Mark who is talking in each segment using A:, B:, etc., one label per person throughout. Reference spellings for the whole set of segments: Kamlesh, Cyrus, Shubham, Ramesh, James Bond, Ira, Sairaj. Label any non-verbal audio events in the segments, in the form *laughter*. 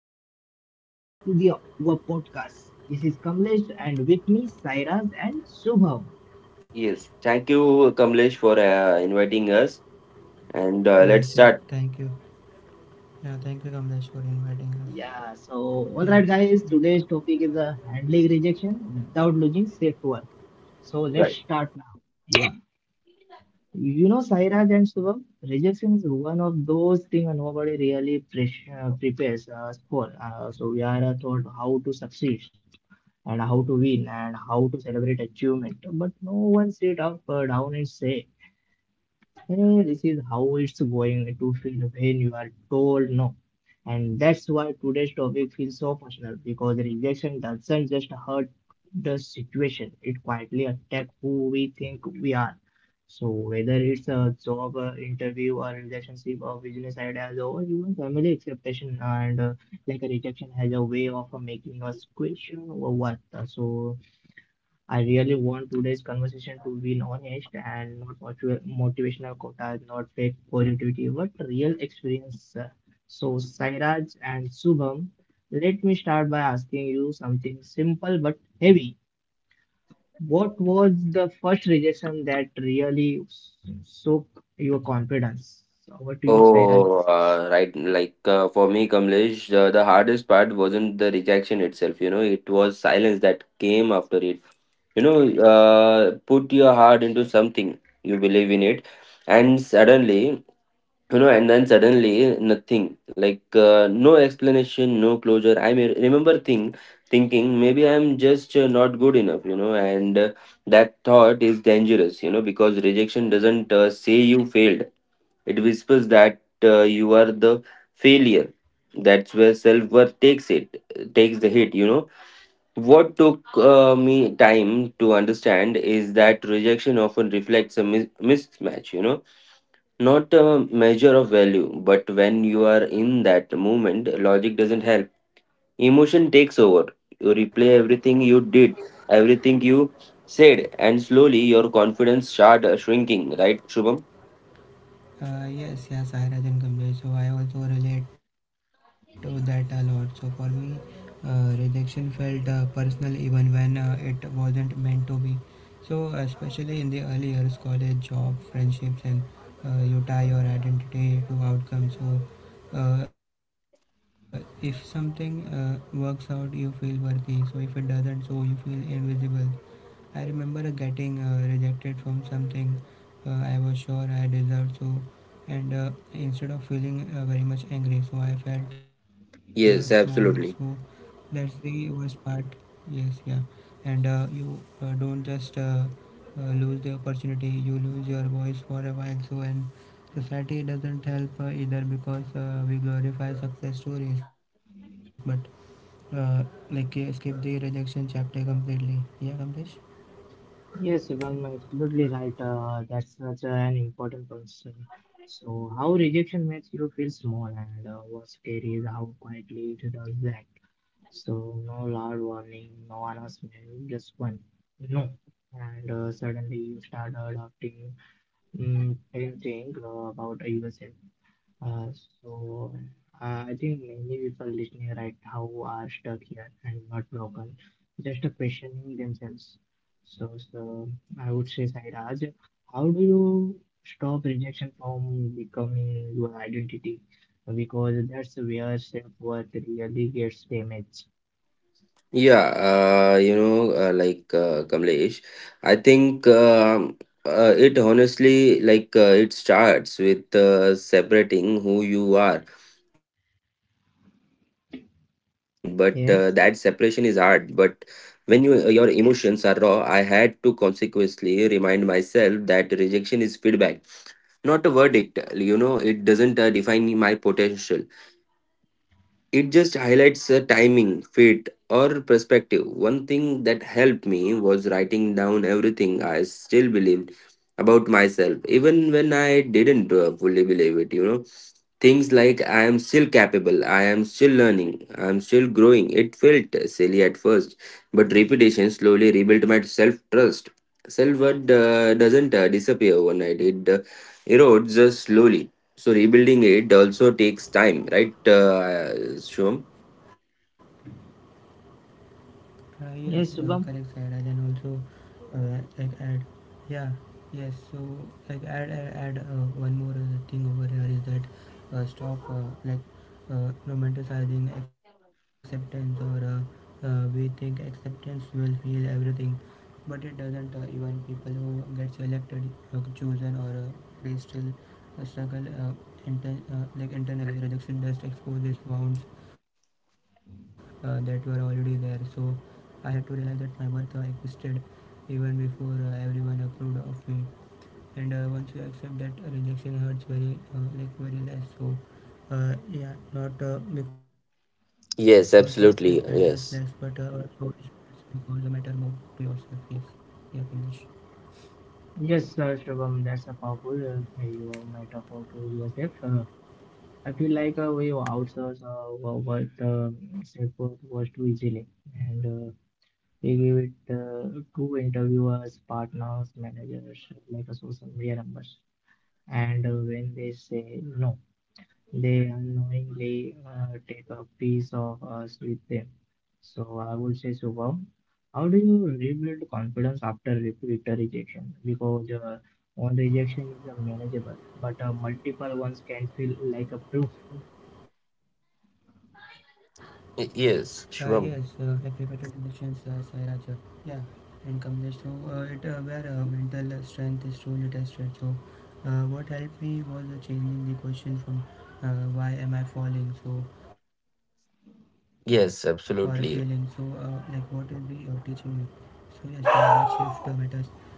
A: everyone, welcome back to the our podcast. This is Kamlesh and with me Sairaj and Shubham.
B: Yes, thank you, Kamlesh, for inviting us. And
A: Yeah,
B: Let's
C: Yes, yeah,
B: start.
C: thank you. Yeah, thank you, Kamlesh, for inviting us.
A: yeah, so all
C: Yeah,
A: right guys,
C: let's start.
A: today's topic is a handling rejection without losing straight to work. So let's
B: Right.
A: start now. Yeah. You know Sairaj and Shubham, rejection is one of those things nobody really prepares us for. So we are taught how to succeed and how to win and how to celebrate achievement, but no one sit up down and say, hey, this is how it's going to feel when you are told no. And that's why today's topic feels so personal because rejection doesn't just hurt the situation, it quietly attacks who we think we are. So, whether it's a job interview or relationship or business ideas or even family expectation, and like a rejection has a way of making us question our worth. So, I really want today's conversation to be honest and not motivational quotas, not fake positivity, but real experience. So, Sairaj and Subham, let me start by asking you something simple but heavy. What was the first rejection that really shook your confidence? Over to you, Sairaj.
B: Oh, right. For me, Kamlesh, the hardest part wasn't the rejection itself. You know, it was silence that came after it. Put your heart into something, you believe in it, and suddenly, you know and then suddenly nothing, like no explanation, no closure. I may remember thing Thinking maybe I'm just not good enough, you know. And That thought is dangerous, you know, because rejection doesn't say you failed. It whispers that you are the failure. That's where self-worth takes the hit, you know. What took me time to understand is that rejection often reflects a mismatch, you know, not a measure of value. But when you are in that moment, logic doesn't help. Emotion takes over. You replay everything you did, everything you said, and slowly your confidence start shrinking, right, Shubham?
C: Yes, yeah, Sairaj and Kamlesh. So I also relate to that a lot. So for me, rejection felt personal even when it wasn't meant to be. So especially in the early years, college, job, friendships, and you tie your identity to outcomes. So if something works out, you feel worthy. So if it doesn't, so you feel invisible. I remember getting rejected from something I was sure I deserved, so and instead of feeling very much angry, so I felt
B: Yes,
C: small. So
B: absolutely.
C: that's the worst part. Yes, yeah, and you don't just lose the opportunity; you lose your voice for a while. So and society doesn't help either because we glorify success stories, but uh, skip the rejection chapter completely. Yeah, Kamlesh.
A: Yes, Shubham, absolutely right. That's such an important concern. So, how rejection makes you feel small, and what's scary is how quietly it does that. So, no loud warning, no announcement, just one no. And suddenly you start adopting and think about yourself. Uh, so I think many people listening right now are stuck here and not broken, just questioning themselves. So, I would say, Sairaj, how do you stop rejection from becoming your identity? Because that's where self-worth really gets damaged.
B: Kamlesh, I think it honestly, it starts with separating who you are from what happened. But that separation is hard.
A: Yes,
B: But when you your emotions are raw, I had to consequently remind myself that rejection is feedback, not a verdict. You know, it doesn't define my potential. It just highlights a timing, fit, or perspective. One thing that helped me was writing down everything I still believed about myself, even when I didn't fully believe it, you know. Things like I am still capable, I am still learning, I am still growing. It felt silly at first, but repetition slowly rebuilt my self trust. Self worth doesn't disappear overnight, it erodes slowly, so rebuilding it also takes time, right, Shubham?
C: Yes,
A: yes,
C: correct,
A: Shubham.
C: Sairaj. Then also like add yeah, yes, so like add add, add one more thing over here is that stop romanticizing acceptance or we think acceptance will heal everything, but it doesn't. Even people who get selected, chosen, or they still struggle like internally. Rejection just exposes wounds that were already there. So I had to realize that my worth existed even before everyone approved of me. And once you accept that, rejection hurts very, like very less. So yeah, not because of
B: Yes,
C: it
B: absolutely.
C: matters less,
B: Yes.
C: but also it's because the matter more to yourself. Yes, yeah, Kamlesh.
A: Yes, Shubham, that's a powerful your metaphor to yourself. I feel like we outsource wo- what self-worth was too easily, and they give it to interviewers, partners, managers, like social media numbers. And when they say no, they unknowingly take a piece of us with them. So I would say, Shubham, how do you rebuild confidence after repeated rejection? Because one rejection is manageable, but multiple ones can feel like a proof.
B: Yes,
C: Yes,
B: Shubham.
C: like repeated injections, Sairaj, yeah, and Kamlesh. So it where mental strength is truly tested. So what helped me was changing the question from why am I falling, so or
B: Yes,
C: feeling so,
B: absolutely.
C: like what is the teaching me. So yes, that shift matters,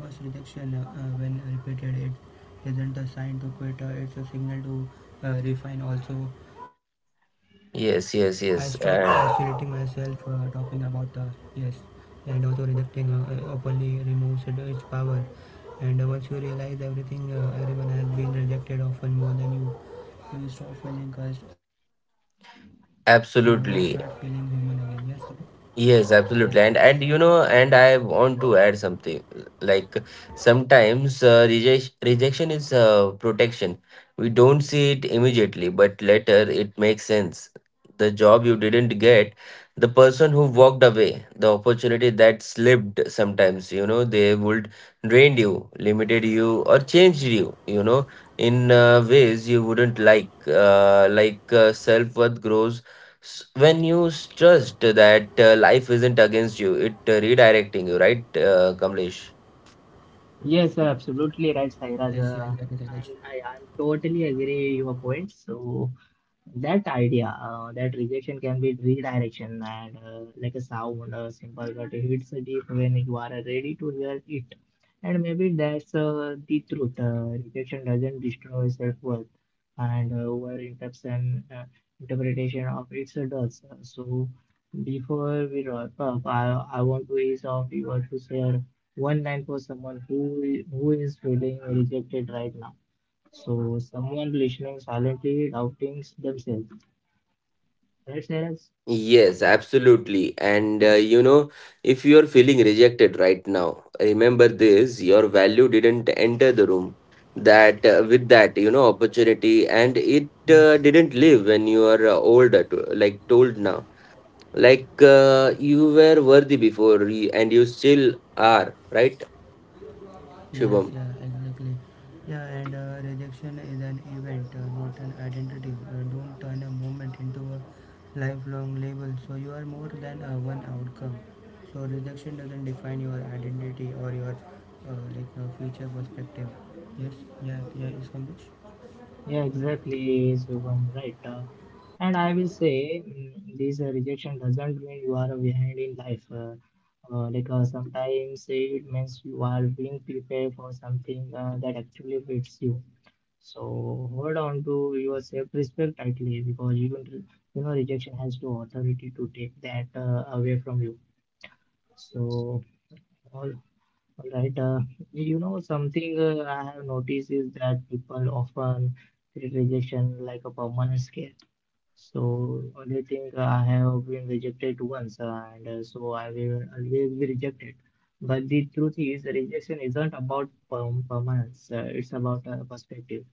C: because rejection, when repeated, it isn't a sign to quit. It's a signal to refine also. I
B: Yes,
C: stopped
B: yes, yes.
C: isolating
B: And
C: myself, talking about yes, and also rejecting openly removes its power. And once you realize everything, everyone has been rejected often more than you, you stop feeling cursed, so you start feeling human again. Yes,
B: absolutely.
C: yeah,
B: Yes,
C: yes,
B: absolutely. And you know, and I want to add something. Like sometimes rejection is protection. We don't see it immediately, but later it makes sense. The job you didn't get, the person who walked away, the opportunity that slipped sometimes, you know, they would drained you, limited you, or changed you, you know, in ways you wouldn't like. Self-worth grows when you trust that life isn't against you, it redirecting you, right, Kamlesh?
A: Yes,
C: yes, yeah, exactly,
A: absolutely right,
C: Sairaj.
A: Sairaj. I'm totally agree your point. So, that idea that rejection can be redirection and like a sound a simple but it hits deep when you are ready to hear it, and maybe that's the truth. Rejection doesn't destroy self-worth, and over interpretation interpretation of it does. So before we wrap up, I want to ease off, you want to share one line for someone who is feeling rejected right now, so someone listening silently doubting themselves. Right, Neeraj?
B: Yes, absolutely. And You know, if you are feeling rejected right now, remember this: your value didn't enter the room that with that, you know, opportunity, and it
C: Yes.
B: didn't live when you are older, to, like told now. Like you were worthy before and you still are, right,
C: Yes,
B: Shubham?
C: yeah, exactly. Yeah, and rejection is an event, not an identity. Don't turn a moment into a lifelong label. So you are more than one outcome. So rejection doesn't define your identity or your future perspective. Yes, yeah, yeah, is Kamlesh?
A: Yeah, exactly, Shubham, right. And I will say this rejection doesn't mean you are behind in life. Sometimes it means you are being prepared for something that actually fits you. So hold on to your self-respect tightly because you don't, you know rejection has no authority to take that away from you. So all All right. You know, something I have noticed is that people often treat rejection like a permanent scare. So they think I have been rejected once, and so I will always be rejected. But the truth is, rejection isn't about permanence. It's about perspective.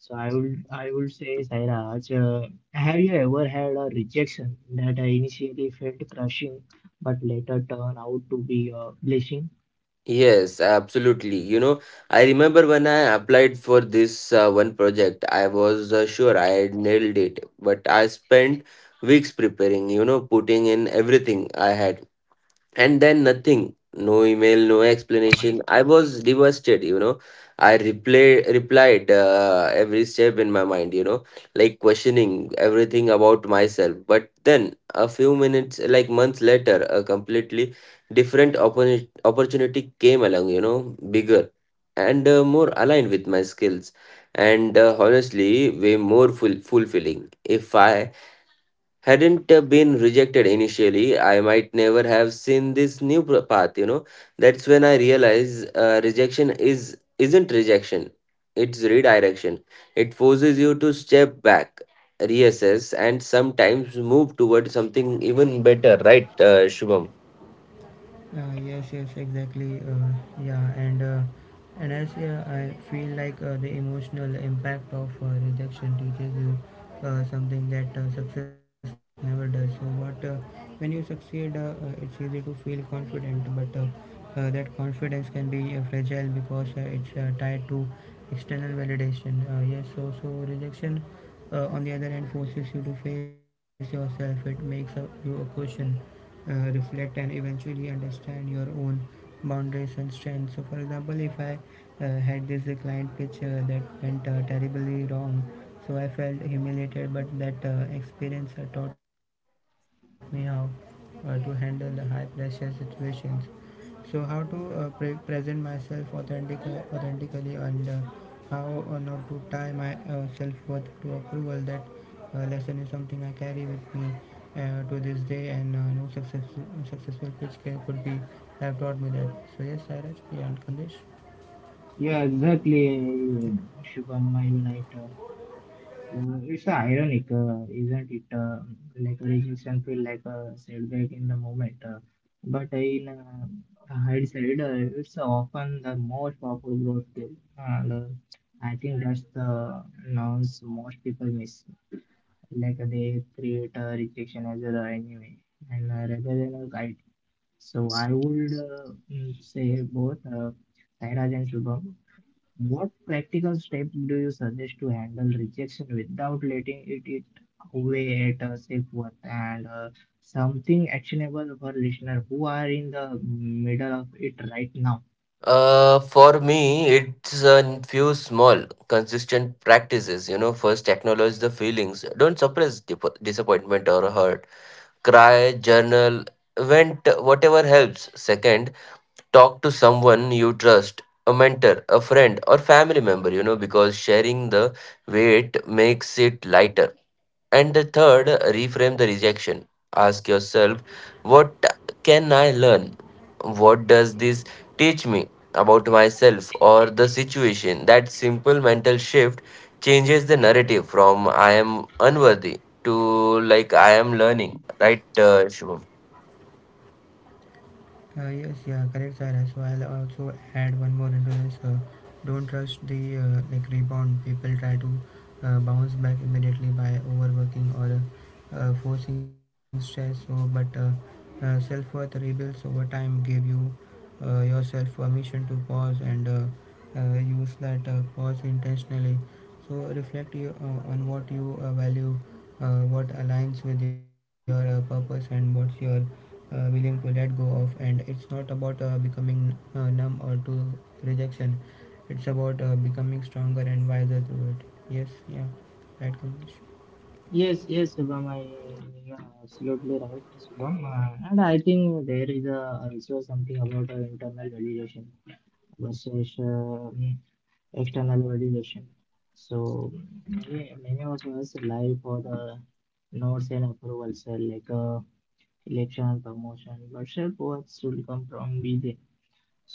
A: So I would say, Sairaj, have you ever had a rejection that initially felt crushing, but later turned out to be a blessing?
B: Yes, absolutely. You know, I remember when I applied for this one project. I was sure I had nailed it. But I spent weeks preparing, you know, putting in everything I had, and then nothing, no email, no explanation. I was devastated, you know. Replied every step in my mind, you know, like questioning everything about myself. But then a few minutes, like months later, a completely different opportunity came along, you know, bigger and more aligned with my skills, and honestly way more fulfilling. If I hadn't been rejected initially, I might never have seen this new path. You know, that's when I realize rejection is isn't rejection; it's redirection. It forces you to step back, reassess, and sometimes move toward something even better. Right, Shubham?
C: Yes, yes, exactly. Yeah, and as yeah, I feel like the emotional impact of rejection teaches you something that success never does. So, what when you succeed, it's easy to feel confident, but that confidence can be fragile because it's tied to external validation. Yes, so rejection, on the other hand, forces you to face yourself. It makes you a question, uh, reflect, and eventually understand your own boundaries and strengths. So, for example, if I had this client pitch that went terribly wrong, so I felt humiliated, but that experience taught me how to handle the high pressure situations, so how to present myself authentically, authentically, and how not to tie my self-worth to approval. That lesson is something I carry with me to this day, and no successful, pitch could be, have taught me that. So yes, I actually, and Kandish.
A: Yeah, exactly, Shubham, I will right. It's ironic, isn't it? Like rejection feel like a setback in the moment, but in hindsight, it's often the most powerful growth skill. And I think that's the nuance most people miss. Like they create a rejection as a enemy, and rather than a guide. So I would say both. Sairaj and Shubham. What practical step do you suggest to handle rejection without letting it eat away at us if what and something actionable for listener who are in the middle of it right now?
B: For me, it's a few small, consistent practices. You know, first acknowledge the feelings. Don't suppress disappointment or hurt. Cry, journal, vent, whatever helps. Second, talk to someone you trust, a mentor, a friend, or family member, you know, because sharing the weight makes it lighter. And the third, reframe the rejection. Ask yourself, what can I learn? What does this teach me about myself or the situation? That simple mental shift changes the narrative from I am unworthy to like I am learning, right, Shubham?
C: Yes, yeah, correct, Cyrus. So I'll also add one more into this. Don't trust the like rebound. People try to bounce back immediately by overworking or forcing stress. So, but self-worth rebuilds over time. Give yourself permission to pause and use that pause intentionally. So reflect on what you value, what aligns with your purpose, and what's your willing to let go of. And it's not about becoming numb or to rejection, it's about becoming stronger and wiser through it. Yes, yeah, right, Kamlesh.
A: Yes, you are absolutely right, Shubham. And I think there is a, also something about internal validation versus mm, external validation. So many of us live for the notes and approvals, election and promotion, but self worth should come from within.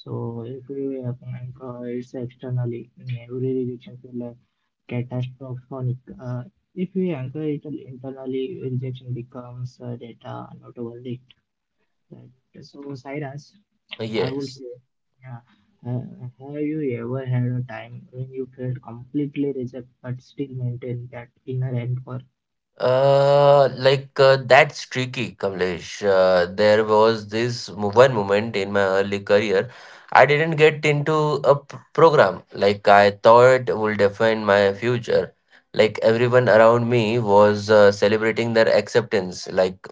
A: So every happening it's externally, every rejection feel like catastrophic. If we anchor it internally, rejection becomes data, not a verdict. Right? So, Cyrus, I would
B: Yes.
A: say, yeah, uh, have you ever had a time when you felt completely rejected but still maintained that inner anchor?
B: That's tricky, Kamlesh. There was this one moment in my early career, I didn't get into a program like I thought would define my future. Like everyone around me was celebrating their acceptance. Like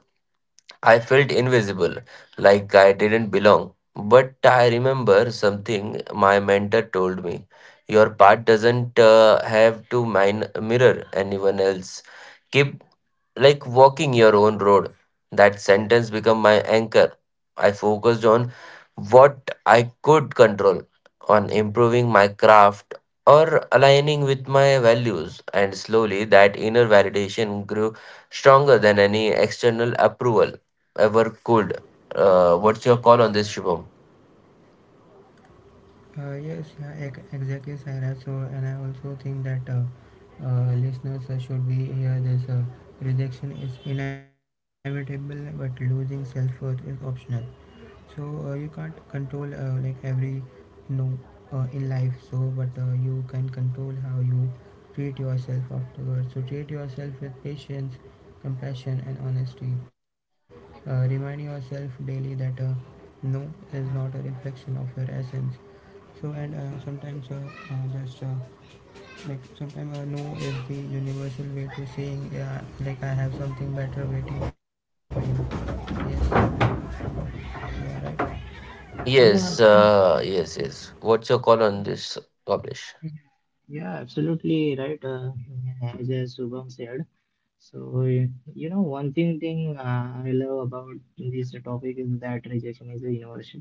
B: I felt invisible, like I didn't belong. But I remember something my mentor told me. Your part doesn't have to min mirror anyone else. Keep like walking your own road. That sentence became my anchor. I focused on what I could control, on improving my craft or aligning with my values, and slowly that inner validation grew stronger than any external approval ever could. What's your call on this, Shubham?
C: Yes, yeah, exactly, Sarah. So and I also think that listeners should be here this, rejection is inevitable but losing self-worth is optional. So you can't control like every no in life. So but you can control how you treat yourself afterwards. So treat yourself with patience, compassion, and honesty. Remind yourself daily that no is not a reflection of your essence. So and sometimes just like sometimes no is the universal way to saying yeah, like I have something better waiting for you. Yes, you are right,
B: Yes,
A: Yeah,
B: yes, yes, what's your call on this, publish?
A: Yeah, absolutely right. As Shubham said, so you know, one thing I love about this topic is that rejection is a universal.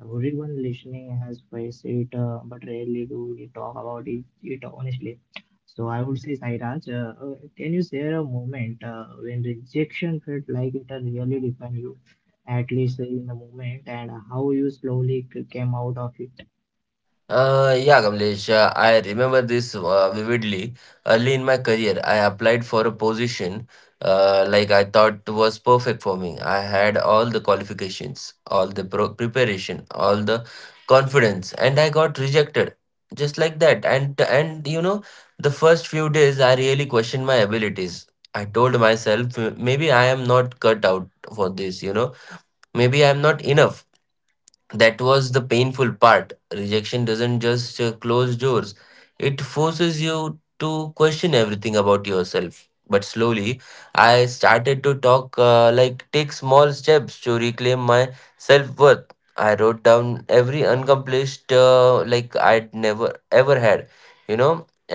A: Everyone listening has faced it, but rarely do we talk about it, it honestly. So I would say, Sairaj, can you share a moment when rejection felt like it had really defined you, at least in the moment, and how you slowly came out of it?
B: Yeah, Kamlesh, I remember this vividly. Early in my career, I applied for a position like I thought was perfect for me. I had all the qualifications, all the pro preparation, all the confidence, and I got rejected just like that. And you know, the first few days, I really questioned my abilities. I told myself, maybe I am not cut out for this, you know, maybe I am not enough. That was the painful part. Rejection doesn't just close doors, it forces you to question everything about yourself. But slowly I started to talk like take small steps to reclaim my self-worth. I wrote down every unaccomplished like I'd never ever had, you know,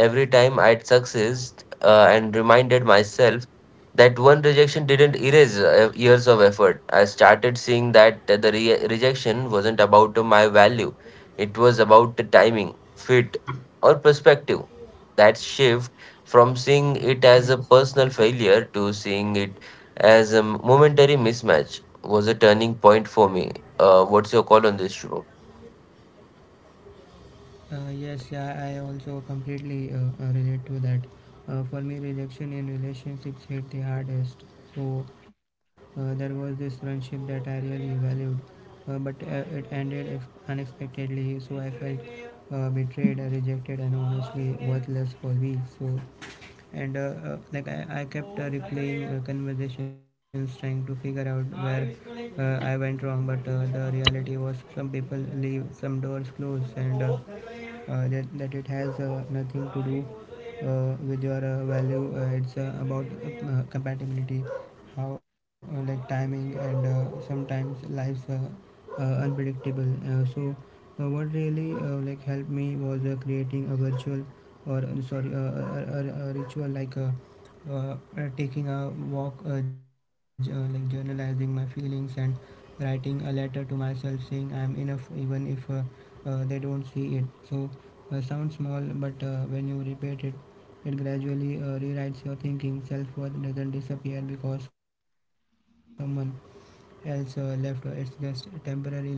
B: every time I'd success, and reminded myself that one rejection didn't erase years of effort. I started seeing that the rejection wasn't about my value, it was about the timing, fit, or perspective. That shift from seeing it
C: yes,
B: as a
C: yeah.
B: personal failure to seeing it as a momentary mismatch was a turning point for me. What's your call on this, show?
C: Yes, yeah, I also completely relate to that. For me, rejection in relationships hit the hardest. So there was this friendship that I really valued, but it ended ex- unexpectedly. So I felt betrayed, rejected, and honestly worthless for weeks. So and like I kept replaying conversations, trying to figure out where I went wrong. But the reality was, some people leave some doors closed, and that, that it has nothing to do with your value. It's about compatibility, how like timing, and sometimes life's, unpredictable. So what really, like helped me was creating a virtual, or sorry, a ritual like, taking a walk, like journalizing my feelings and writing a letter to myself saying I am enough even if they don't see it. So, sounds small, but when you repeat it, it gradually rewrites your thinking. Self worth doesn't disappear because someone else left, it's just temporarily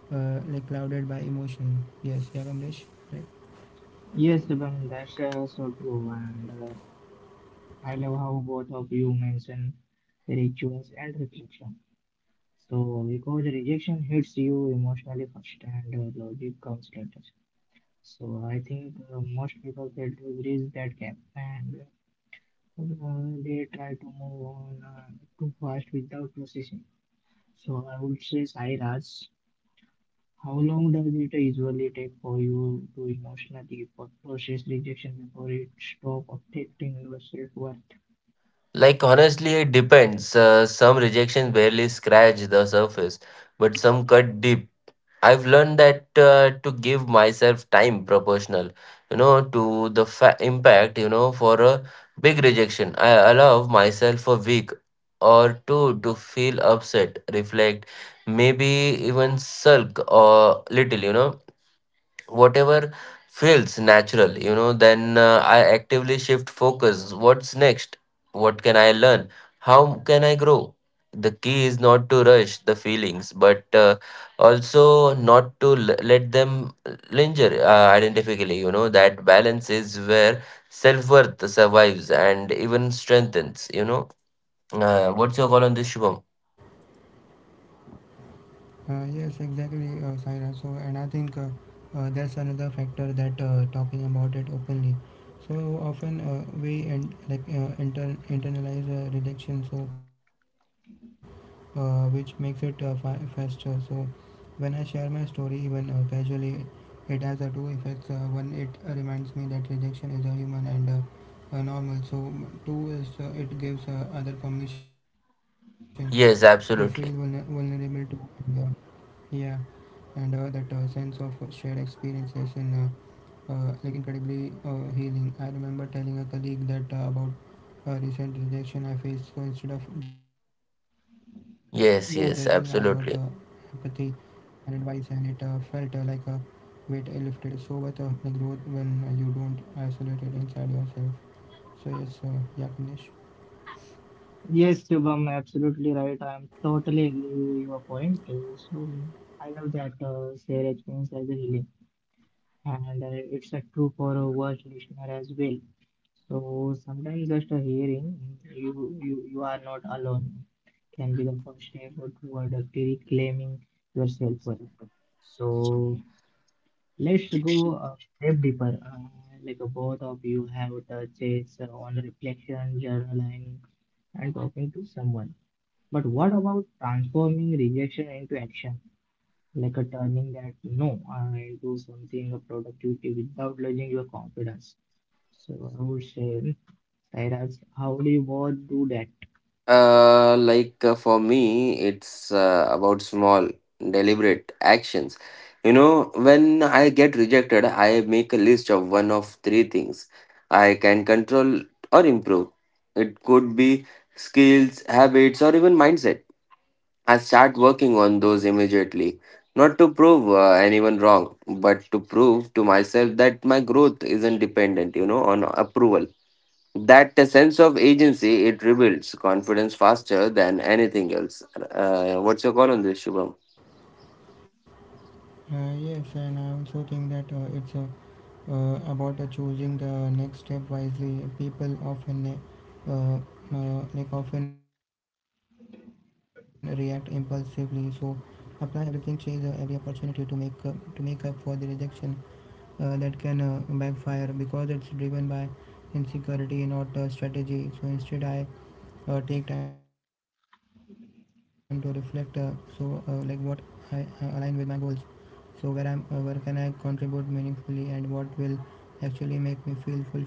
C: like clouded by emotion. Yes, yeah, Kamlesh, right?
A: Yes, Shubham, that's so true. And I love how both of you mention rituals and reflection. So, because rejection hits you emotionally first and logic comes later. So, I think most people fail to bridge that gap and they try to move on too fast without processing. So, I would say, Sai Raj, how long does it usually take for you to emotionally process rejection before it stops affecting your self worth?
B: Like, honestly, it depends. Some rejections barely scratch the surface, but some cut deep. I've learned that to give myself time proportional, you know, to the impact, you know. For a big rejection, I allow myself a week or two to feel upset, reflect, maybe even sulk or little, you know, whatever feels natural. You know, then I actively shift focus. What's next? What can I learn? How can I grow? The key is not to rush the feelings, but also not to let them linger identifically, you know. That balance is where self-worth survives and even strengthens, you know. What's your call on this, Shubham?
C: Yes, exactly, Saira. So, and I think there's another factor, that talking about it openly. So often we and like internalize rejection. So which makes it faster. So when I share my story even casually, it has the two effects. One, it reminds me that rejection is a human and normal. So two is it gives other permission to feel
B: Yes, absolutely.
C: vulnerable to. Yeah. Yeah, and that sense of shared experiences in like incredibly healing. I remember telling a colleague that about a recent rejection I faced. So instead of judging, I got empathy
B: Yes, yes,
C: and advice,
B: absolutely.
C: and it felt like a weight I lifted. So worth like growth when you don't isolate it inside yourself. So yes, yeah, Kamlesh.
A: Yes, Shubham, absolutely right. I am totally agree with your point. So I love that share experience as a healing, and it's true for a worst listener as well. So sometimes just a hearing, you are not alone, can be the first step toward reclaiming your self worth. So let's go a step deeper. Both of you have touched on reflection, journaling, and talking to someone. But what about transforming rejection into action? Like a turning that no into something of productivity without losing your confidence. So I would say, Sairaj, how do you both do that?
B: For me, it's about small, deliberate actions. You know, when I get rejected, I make a list of one of three things I can control or improve. It could be skills, habits, or even mindset. I start working on those immediately, not to prove anyone wrong, but to prove to myself that my growth isn't dependent, you know, on approval. That sense of agency, it rebuilds confidence faster than anything else. What's your call on this, Shubham?
C: Yes, and I also think that it's a about choosing the next step wisely. People often uh, like often react impulsively, so apply everything, chase every opportunity to make, to make up for the rejection. That can backfire because it's driven by insecurity, not strategy. So instead I take time to reflect, like what I, align with my goals, so where I'm, where can I contribute meaningfully, and what will actually make me feel fulfilled. So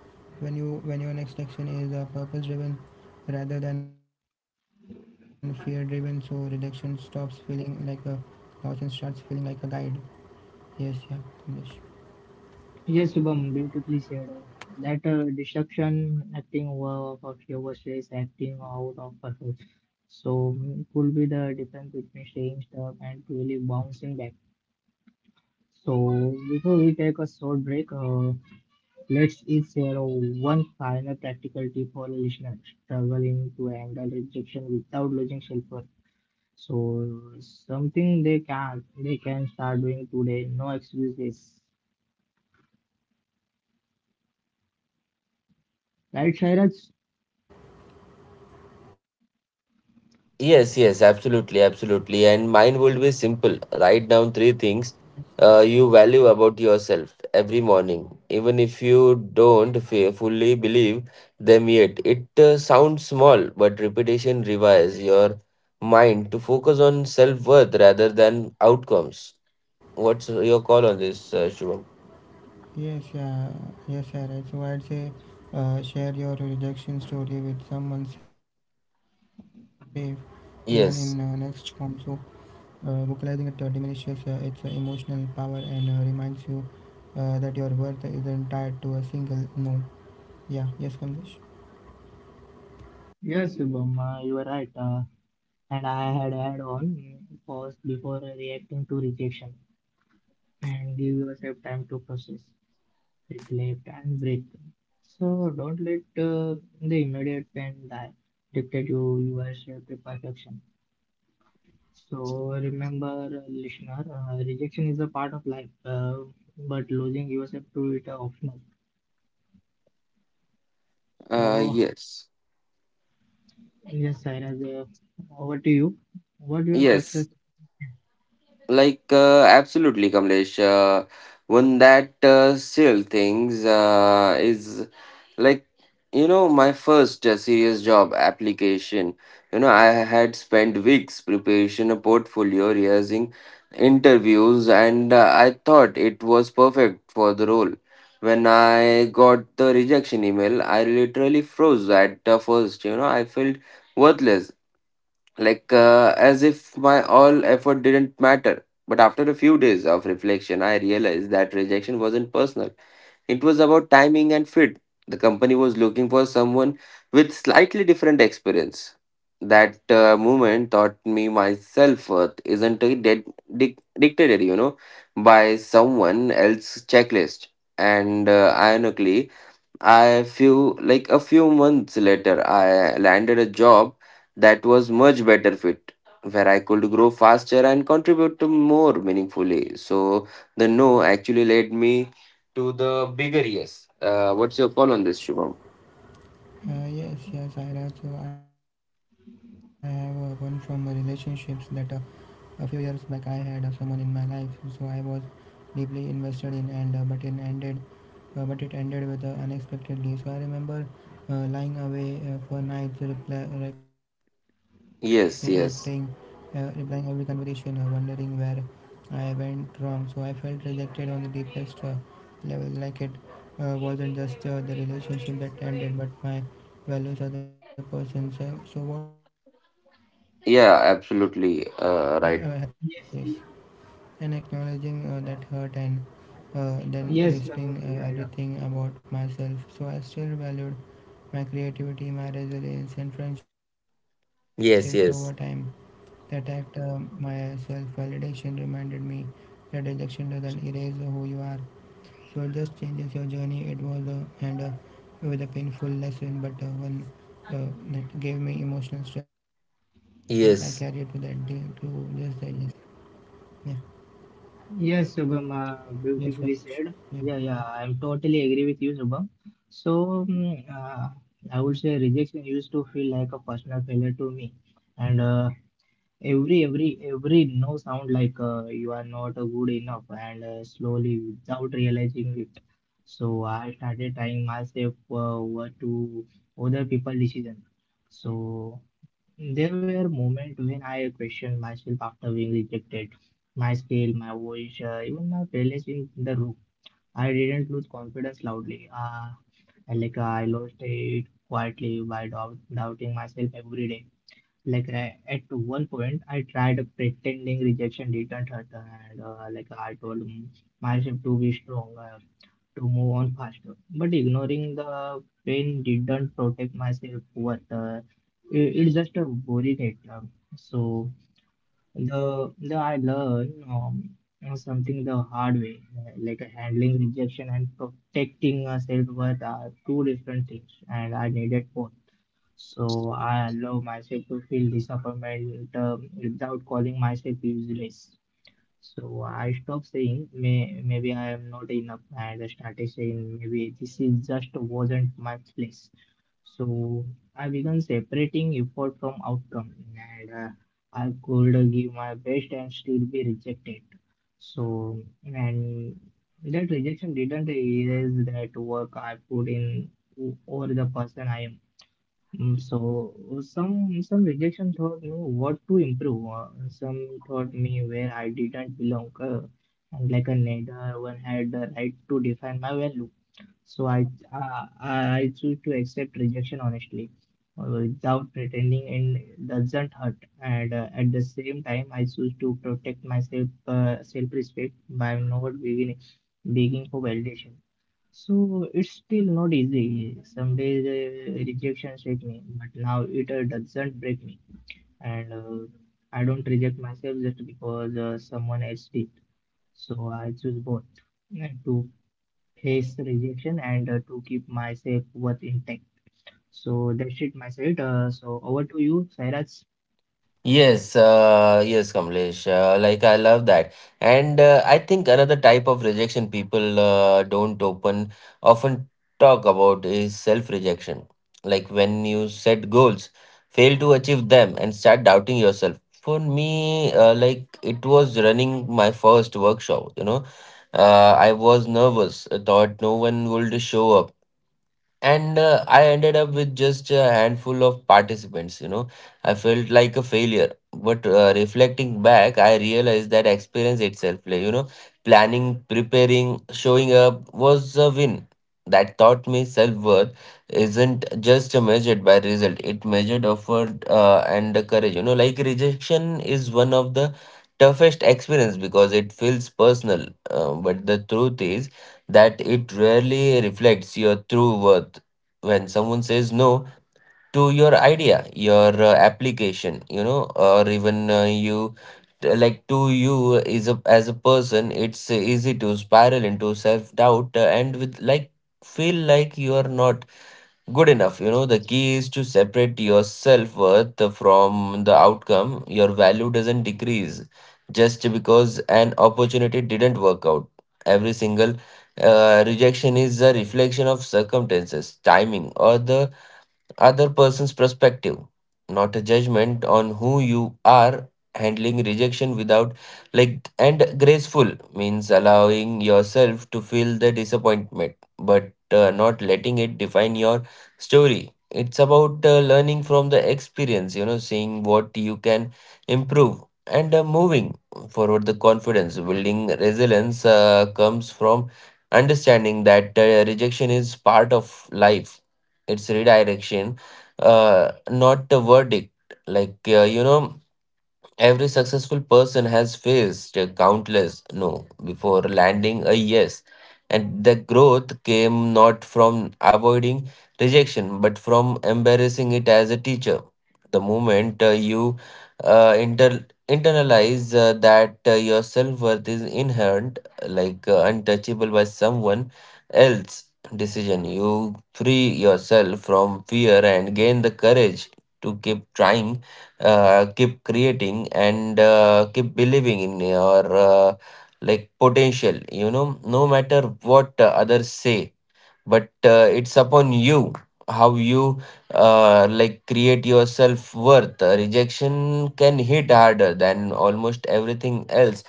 C: when you, when your next action is purpose driven rather than fear driven, so rejection stops feeling like a loss and starts feeling like a guide. Yes, yeah, Kamlesh.
A: Yes, Shubham, beautifully said. That destruction acting of your stress acting out of purpose. So it could be the difference between staying stuck and really bouncing back. So before we take a short break, let's each share one final practical tip for listeners struggling to handle rejection without losing self-worth. So something they can start doing today. No excuses. Right, Shairaj?
B: Yes, yes, absolutely, absolutely. And mine would be simple. Write down three things you value about yourself every morning, even if you don't fully believe them yet. It sounds small, but repetition revives your mind to focus on self worth rather than outcomes. What's your call on this, Shubham?
C: Yes, yeah, yes, yeah, right. So I'd say share your rejection story with someone safe, even in next form. So
B: Yes.
C: vocalizing it diminishes its emotional power and reminds you that your worth isn't tied to a single no. Yeah, yes, Kamlesh.
A: Yes, Shubham, you are right. And I had on pause before reacting to rejection and give yourself time to process, reflect, and breathe. So don't let the immediate pain die dictate you your self perfection. So remember, listener, rejection is a part of life, but losing yourself to it are optional.
B: Uh,
A: So
B: yes,
A: yes, Sairaj, over to you. What your purpose?
B: yes, Absolutely, Kamlesh. One that still things is like, you know, my first serious job application. You know, I had spent weeks preparation a portfolio, rehearsing interviews, and I thought it was perfect for the role. When I got the rejection email, I literally froze at the first. You know, I felt worthless, like as if my all effort didn't matter. But after a few days of reflection, I realized that rejection wasn't personal. It was about timing and fit. The company was looking for someone with slightly different experience. That moment taught me my self worth isn't dead, dictated, you know, by someone else's checklist. And Ironically, I few like a few months later, I landed a job that was much better fit, where I could grow faster and contribute to more meaningfully. So the no actually led me to the bigger yes. What's your call on this, Shubham?
C: Yes, yes, Ira. So I have one from relationships that a few years back, I had someone in my life, so I was deeply invested in, and but it ended with unexpectedly. So I remember lying away for nights, replaying,
B: Yes,
C: replying every
B: yes,
C: conversation, wondering where I went wrong. So I felt rejected on the deepest level, like it wasn't just the relationship that ended, but my values as a person. So, so what helped me? Over here is that
B: yeah,
C: writing a letter to
B: absolutely,
C: myself,
B: right.
C: yeah,
A: Yes,
C: yes,
A: y-
C: and acknowledging that hurt and then
A: yes,
C: listing
A: yeah, yeah.
C: everything about myself so I still valued my creativity, my resilience, and friendships over time. That
B: Yes,
C: act,
B: yes,
C: my self-validation, reminded me that rejection doesn't erase who you are, so just changes your journey. It was and with a painful lesson, but one that gave me emotional strength. I carry it to that day, to this day.
B: yes.
C: Yes, yeah.
A: Yes, Shubham,
C: Yes, Ramesh.
A: beautifully
C: Yeah,
A: said. Yeah, I'm totally agree with you, Shubham. So I would say rejection used to feel like a personal failure to me, and every no sound like you are not good enough, and slowly without realizing it. So I started trying myself what to other people decision. So there were moments when I questioned myself after being rejected, my skill, my voice, even my presence in the room. I didn't lose confidence loudly. And like I lost it quietly by doubting myself every day like I, at one point I tried pretending rejection didn't hurt and like I told myself to be stronger to move on faster, but ignoring the pain didn't protect myself worth. It, it just a worried it. Um, so the the I learned something the hard way, like handling rejection and protecting self-worth are two different things and I needed both. So I allow myself to feel disappointment without calling myself useless. So I stop saying maybe I am not enough and I started saying maybe this is just wasn't my place. So I began separating effort from outcome and I could give my best and still be rejected. So and that rejection didn't erase that work I put in over the person I am. So some rejection taught me what to improve. Some taught me where I didn't belong. And like a neither one had the right to define my value. So I choose to accept rejection honestly, without pretending, and it doesn't hurt. And at the same time, I choose to protect myself self-respect by not begging for validation. So it's still not easy. Some days rejection shake me, but now it doesn't break me, and I don't reject myself just because someone else did. So I choose both to face rejection and to keep my self worth intact. So that's it, my side. So over to you, Sairaj.
B: Yes, yes, Kamlesh. I love that, and I think another type of rejection people don't open often talk about is self-rejection. Like when you set goals, fail to achieve them, and start doubting yourself. For me, it was running my first workshop. I was nervous. I thought no one would show up, and I ended up with just a handful of participants. I felt like a failure, but reflecting back I realized that experience itself, like planning, preparing, showing up was a win that taught me self-worth isn't just measured by result, it measured effort and courage. You know, like rejection is one of the toughest experience because it feels personal, but the truth is that it rarely reflects your true worth. When someone says no to your idea, your application, you know, or even like to you is a, as a person, it's easy to spiral into self doubt and with like feel like you are not good enough. The key is to separate your self-worth from the outcome. Your value doesn't decrease just because an opportunity didn't work out. Every single rejection is a reflection of circumstances, timing, or the other person's perspective, not a judgment on who you are. Handling rejection without like and graceful means allowing yourself to feel the disappointment, but not letting it define your story. It's about learning from the experience, you know, seeing what you can improve, and moving forward. The confidence building resilience comes from understanding that rejection is part of life. It's redirection, not a verdict. Like, you know, every successful person has faced countless no before landing a yes. And the growth came not from avoiding rejection, but from embarrassing it as a teacher. The moment you internalize that your self worth is inherent, like untouchable by someone else decision, you free yourself from fear and gain the courage to keep trying, keep creating, and keep believing in your potential, you know, no matter what others say. But it's upon you how you create your self worth. Rejection can hit harder than almost everything else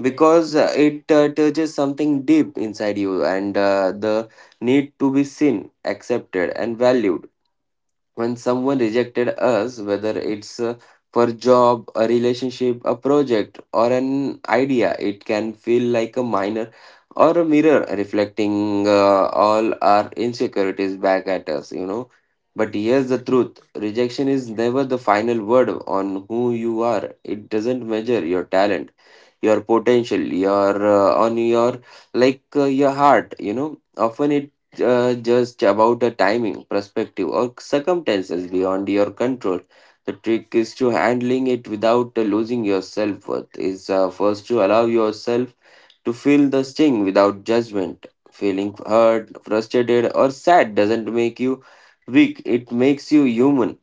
B: because it touches something deep inside you, and the need to be seen, accepted, and valued. When someone rejected us, whether it's for job, a relationship, a project, or an idea, it can feel like a minor or a mirror reflecting all our insecurities back at us. But here's the truth: rejection is never the final word on who you are. It doesn't measure your talent, your potential, your on your like your heart. You know, often it just about the timing, perspective, or circumstances beyond your control. The trick is to handling it without losing your self-worth is first to allow yourself to feel the sting without judgment. Feeling hurt, frustrated, or sad doesn't make you weak, it makes you human.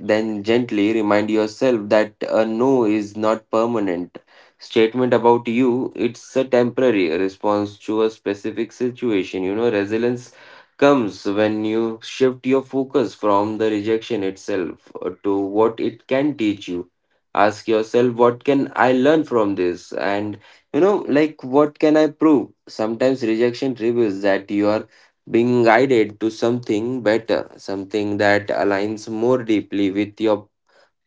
B: Then gently remind yourself that a no is not permanent. Statement about you, it's a temporary response to a specific situation. You know, resilience comes when you shift your focus from the rejection itself to what it can teach you. Ask yourself, what can I learn from this? And you know, like, what can I prove? Sometimes rejection reveals that you are being guided to something better, something that aligns more deeply with your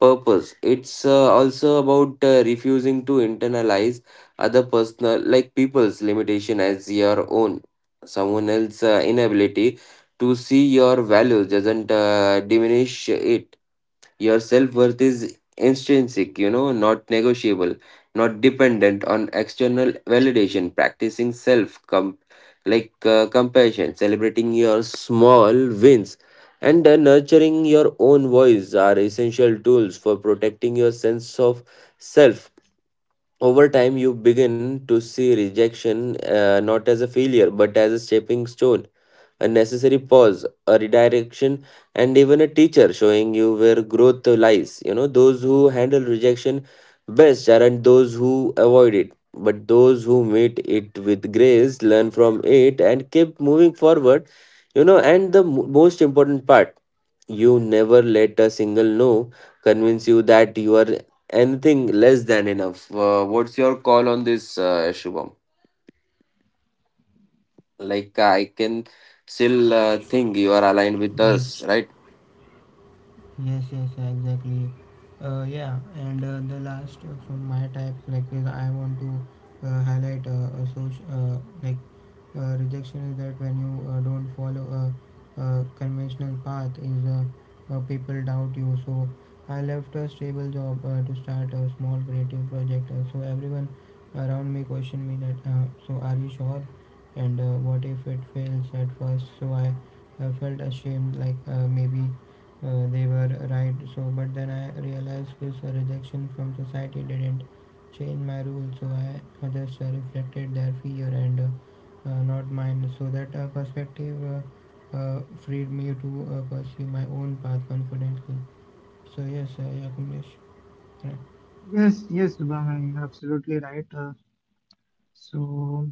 B: purpose. It's also about refusing to internalize other personal like people's limitation as your own. Someone else's inability to see your value doesn't diminish it. Your self worth is intrinsic, you know, not negotiable, not dependent on external validation. Practicing self com- like compassion, celebrating your small wins, and nurturing your own voice are essential tools for protecting your sense of self. Over time, you begin to see rejection not as a failure but as a stepping stone, a necessary pause, a redirection, and even a teacher showing you where growth lies. You know, those who handle rejection best aren't those who avoid it, but those who meet it with grace, learn from it, and keep moving forward. You know, and the most important part, you never let a single no convince you that you are anything less than enough. What's your call on this, Shubham? Like I can still think you are aligned with
C: yes.
B: us, right?
C: Yes, yes, yeah, exactly. Yeah, and the last from my type, like, is I want to highlight a social, rejection is that when you don't follow a conventional path, is people doubt you. So I left a stable job to start a small creative project. So everyone around me questioned me that. So are you sure? And what if it fails at first? So I felt ashamed, like maybe they were right. So but then I realized this rejection from society didn't change my rule, so I, others reflected their fear and not mine. So that perspective freed me to pursue my own path confidently. So yes, yeah, Kamlesh. Correct.
A: Yes, yes, Subham, you're absolutely right. So,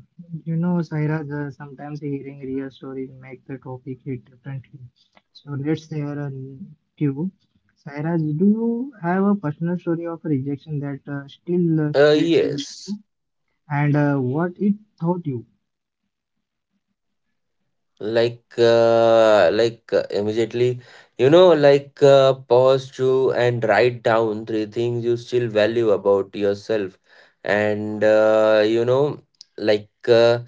A: you know, Sairaj, sometimes hearing real stories make the topic hit differently. So, let's hear a few. Sairaj, do you have a personal story of rejection that still sticks with
B: Yes,
A: you and what it taught you?
B: immediately, you know, pause to and write down three things you still value about yourself, and you know, like uh,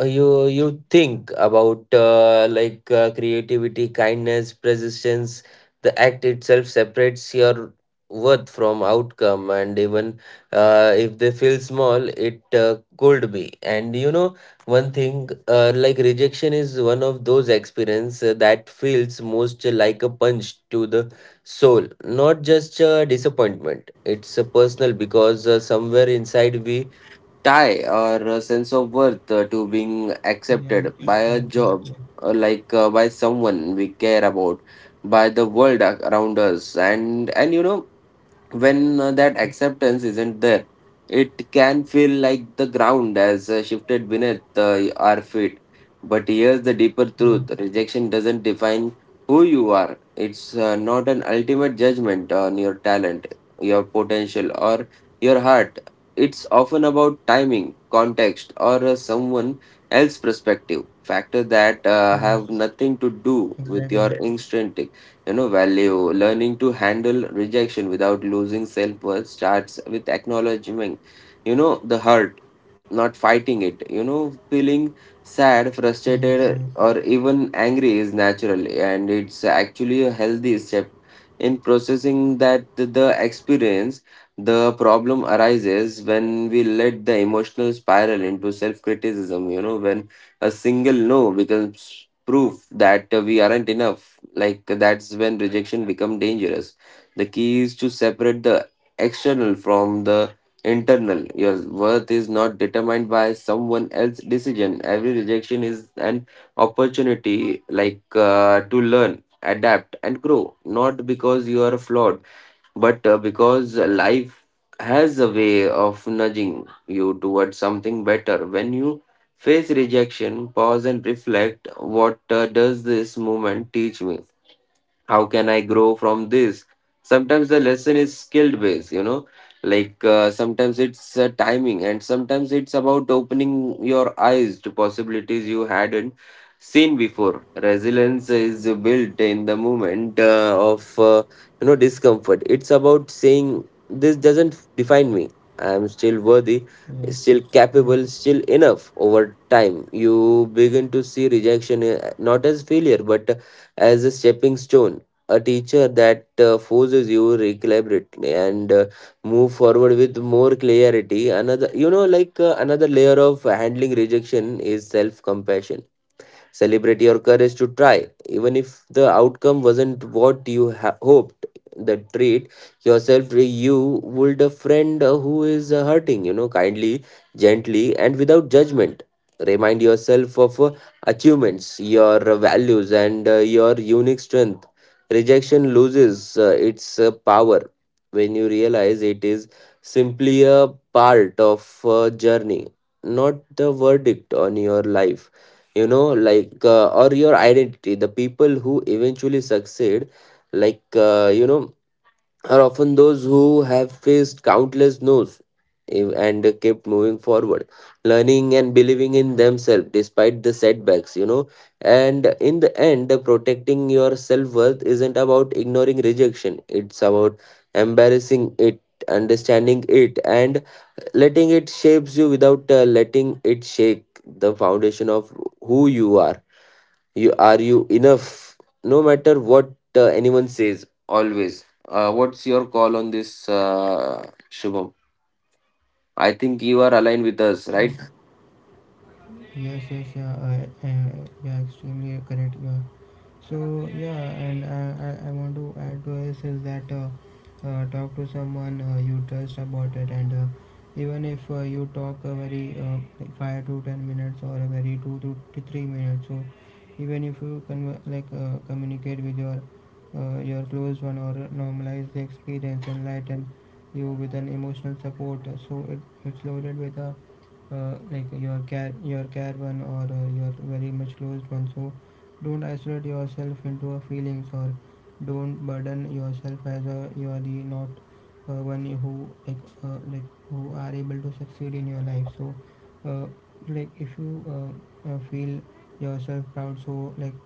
B: you think about creativity, kindness, persistence. The act itself separates your worth from outcome, and even if they feel small, it could be. And you know, one thing, like rejection is one of those experience that feels most like a punch to the soul, not just a disappointment. It's a personal because somewhere inside we tie or a sense of worth to being
C: Yeah,
B: accepted by a
C: exactly,
B: job
C: yeah,
B: or by someone we care about, by the around us and You know, when that acceptance isn't there, it can feel like the ground has shifted beneath our feet. But here's the deeper
C: yeah.
B: truth: rejection doesn't define who you are. It's not an ultimate judgment on your talent, your potential, or your heart. It's often about timing, context, or someone else's perspective, factors that have
C: Yes,
B: nothing to do with
C: exactly.
B: your instinct. You know value, learning to handle rejection without losing self-worth starts with acknowledging, you know, the hurt, not fighting it. You know, feeling sad,
C: Yes,
B: frustrated,
C: yes,
B: or even angry is natural, and it's actually a healthy step in processing that the experience. The problem arises when we let the emotional spiral into self criticism, you know, when a single no becomes proof that we aren't enough. Like, that's when rejection become dangerous. The key is to separate the external from the internal. Your worth is not determined by someone else's decision. Every rejection is an opportunity, to learn, adapt, and grow. Not because you are flawed, but because life has a way of nudging you towards something better. When you face rejection, pause and reflect. What does this moment teach me? How can I grow from this? Sometimes the lesson is skill based, you know, sometimes it's timing, and sometimes it's about opening your eyes to possibilities you hadn't seen before. Resilience is built in the moment of you know discomfort. It's about saying this doesn't define me. I am still worthy,
C: yes,
B: still
C: yeah.
B: capable, still enough. Over time you begin to see rejection not as failure but as a stepping stone, a teacher that forces you to recalibrate and move forward with more clarity. Another, you know, another layer of handling rejection is self compassion. Celebrate your courage to try, even if the outcome wasn't what you hoped. The treat yourself, you would a friend who is hurting, you know, kindly, gently, and without judgment. Remind yourself of achievements, your values, and your unique strength. Rejection loses its power when you realize it is simply a part of a journey, not the verdict on your life. You know, or your identity. The people who eventually succeed, like, you know, are often those who have faced countless no's, and kept moving forward, learning and believing in themselves despite the setbacks. You know, and in the end, protecting your self-worth isn't about ignoring rejection, it's about embarrassing it, understanding it, and letting it shapes you without letting it shake the foundation of who you are. You are you enough, no matter what anyone says, always. What's your call on this, shubham? I think you are aligned with us,
C: I-
B: right?
C: yes, yes, yeah, yeah, extremely correct, yeah. So yeah, and I want to add to this is that talk to someone you trust about it, and even if you talk a very like 5 to 10 minutes or a very two to 3 minutes, so even if you communicate with your close one or normalize the experience, enlighten you with an emotional support. So it's loaded with a like your care, your care one, or your very much closed one. So don't isolate yourself into a feelings, or don't burden yourself as a, you are the not one who like, uh, like who are able to succeed in your life. So uh, like if you feel yourself proud, so like,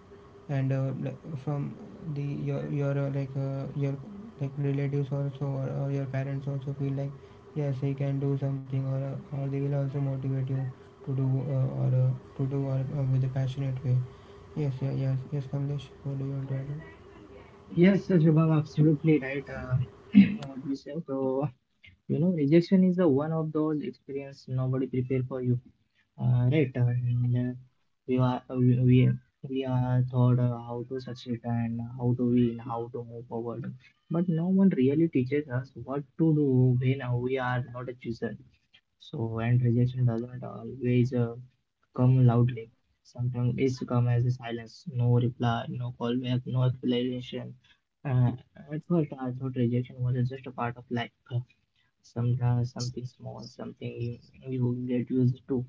C: and like from the your like relatives also, or your parents also feel like yes, he can do something, or they will also motivate you to do, or to do, or with a passionate way. Yes, yeah, yes, yes, Kamlesh, what do you want to add?
A: Yes, Shubham, absolutely right. *clears throat* What you said. So you know, rejection is the one of those experience nobody prepared for you, right? And we are we are taught how to succeed and how to win, how to move forward, but no one really teaches us what to do when we are not a chooser. So, and rejection doesn't always come loudly. Sometimes it's come as a silence, no reply, no callback, no explanation. Uh, at first, I thought rejection was just a part of life sometimes something small, something you get used to.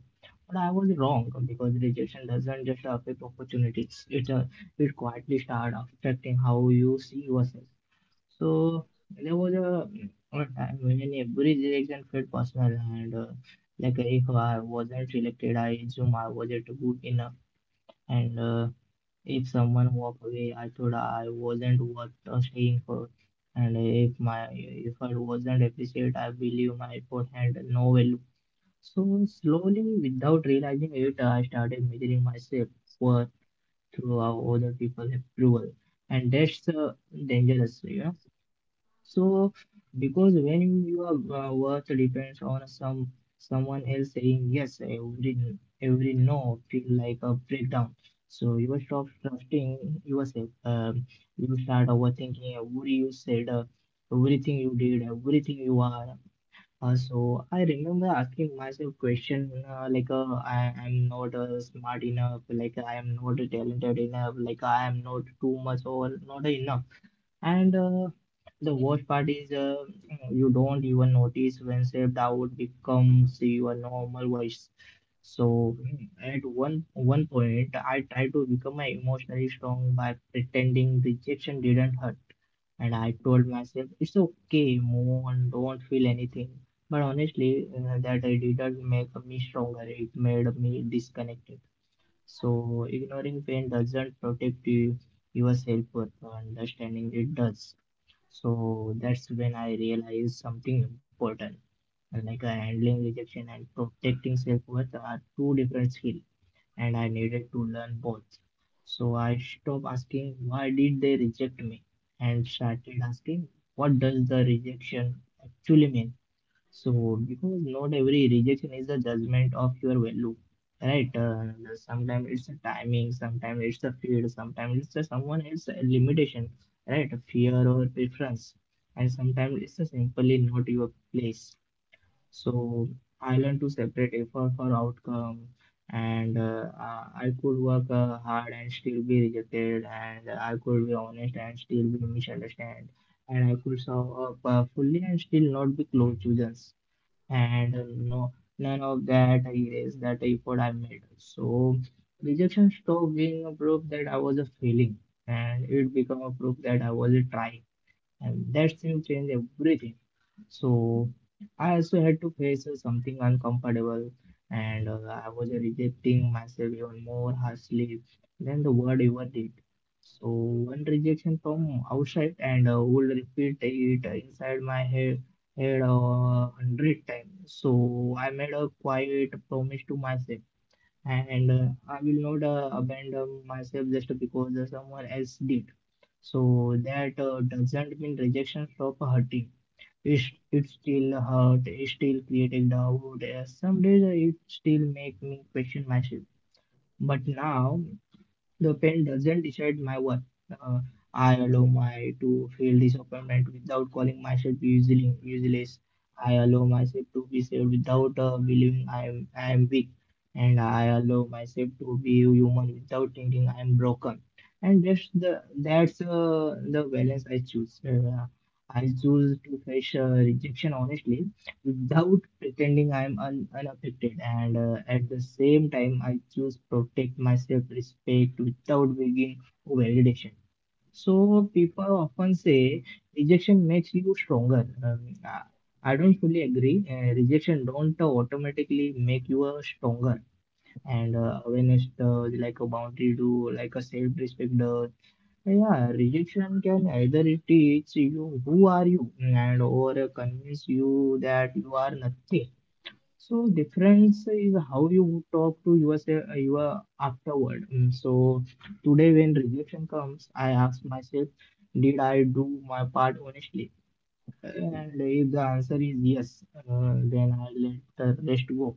A: But I was wrong because rejection doesn't just affect opportunities. It quietly start affecting how you see yourself. So there was a time when every rejection felt personal and like if I wasn't selected, I assumed I wasn't good enough and if someone walked away, I thought I wasn't worth staying for. And if my effort wasn't appreciated, I believe my effort had no value. So slowly, without realizing it, I started measuring myself worth through other people's approval, and that's dangerous, you know. So, because when you are worth depends on someone else saying yes, every no feel like a breakdown. So you will stop trusting yourself. You start overthinking every you said, everything you did, everything you are. So I remember asking myself question like I am not smart enough, like I am not talented enough, like I am not too much or not enough and the worst part is you don't even notice when self doubt becomes your normal voice. So at one one point, I tried to become emotionally strong by pretending rejection didn't hurt, and I told myself it's okay, move on, don't feel anything. But honestly, that I didn't make me stronger. It made me disconnected. So ignoring pain doesn't protect you, your self-worth, understanding it does. So that's when I realized something important. And Like handling rejection and protecting self-worth are two different skills, and I needed to learn both. So I stopped asking why did they reject me and started asking what does the rejection actually mean? So, because not every rejection is a judgment of your value, right? Sometimes it's the timing, sometimes it's the field, sometimes it's the someone else limitation, right? Fear or preference, and sometimes it's the simply not your place. So, I learned to separate effort for outcome, and I could work hard and still be rejected, and I could be honest and still be misunderstood, and I could show up fully and still not be close to others and none of that erased that effort I made. So rejection stopped being a proof that I was a failing and it became a proof that I was a trying. And that seemed to change everything. So I also had to face something uncomfortable, and I was rejecting myself even more harshly than the word ever did. So one rejection from outside and would repeat it inside my head a hundred times. So I made a quiet promise to myself, and I will not abandon myself just because someone else did. So that doesn't mean rejection stop hurting it still hurt, it still creating doubt. Some days it still make me question myself. But now the pen doesn't decide my worth. Uh, I allow my to feel disappointment without calling myself usually useless. I allow myself to be saved without believing I am weak, and I allow myself to be human without thinking I am broken. And that's the balance I choose. I choose to face rejection honestly without pretending I'm un unaffected. And at the same time, I choose protect my self-respect without begging validation. So people often say rejection makes you stronger. I don't fully agree. Rejection don't automatically make you stronger. And awareness, like a boundary, to like a self-respect yeah, yeah, rejection can either teach you who are you and or convince you that you are nothing. So difference is how you talk to yourself your afterward. So today when rejection comes, I ask myself, did I do my part honestly? And if the answer is yes, then I let the rest go.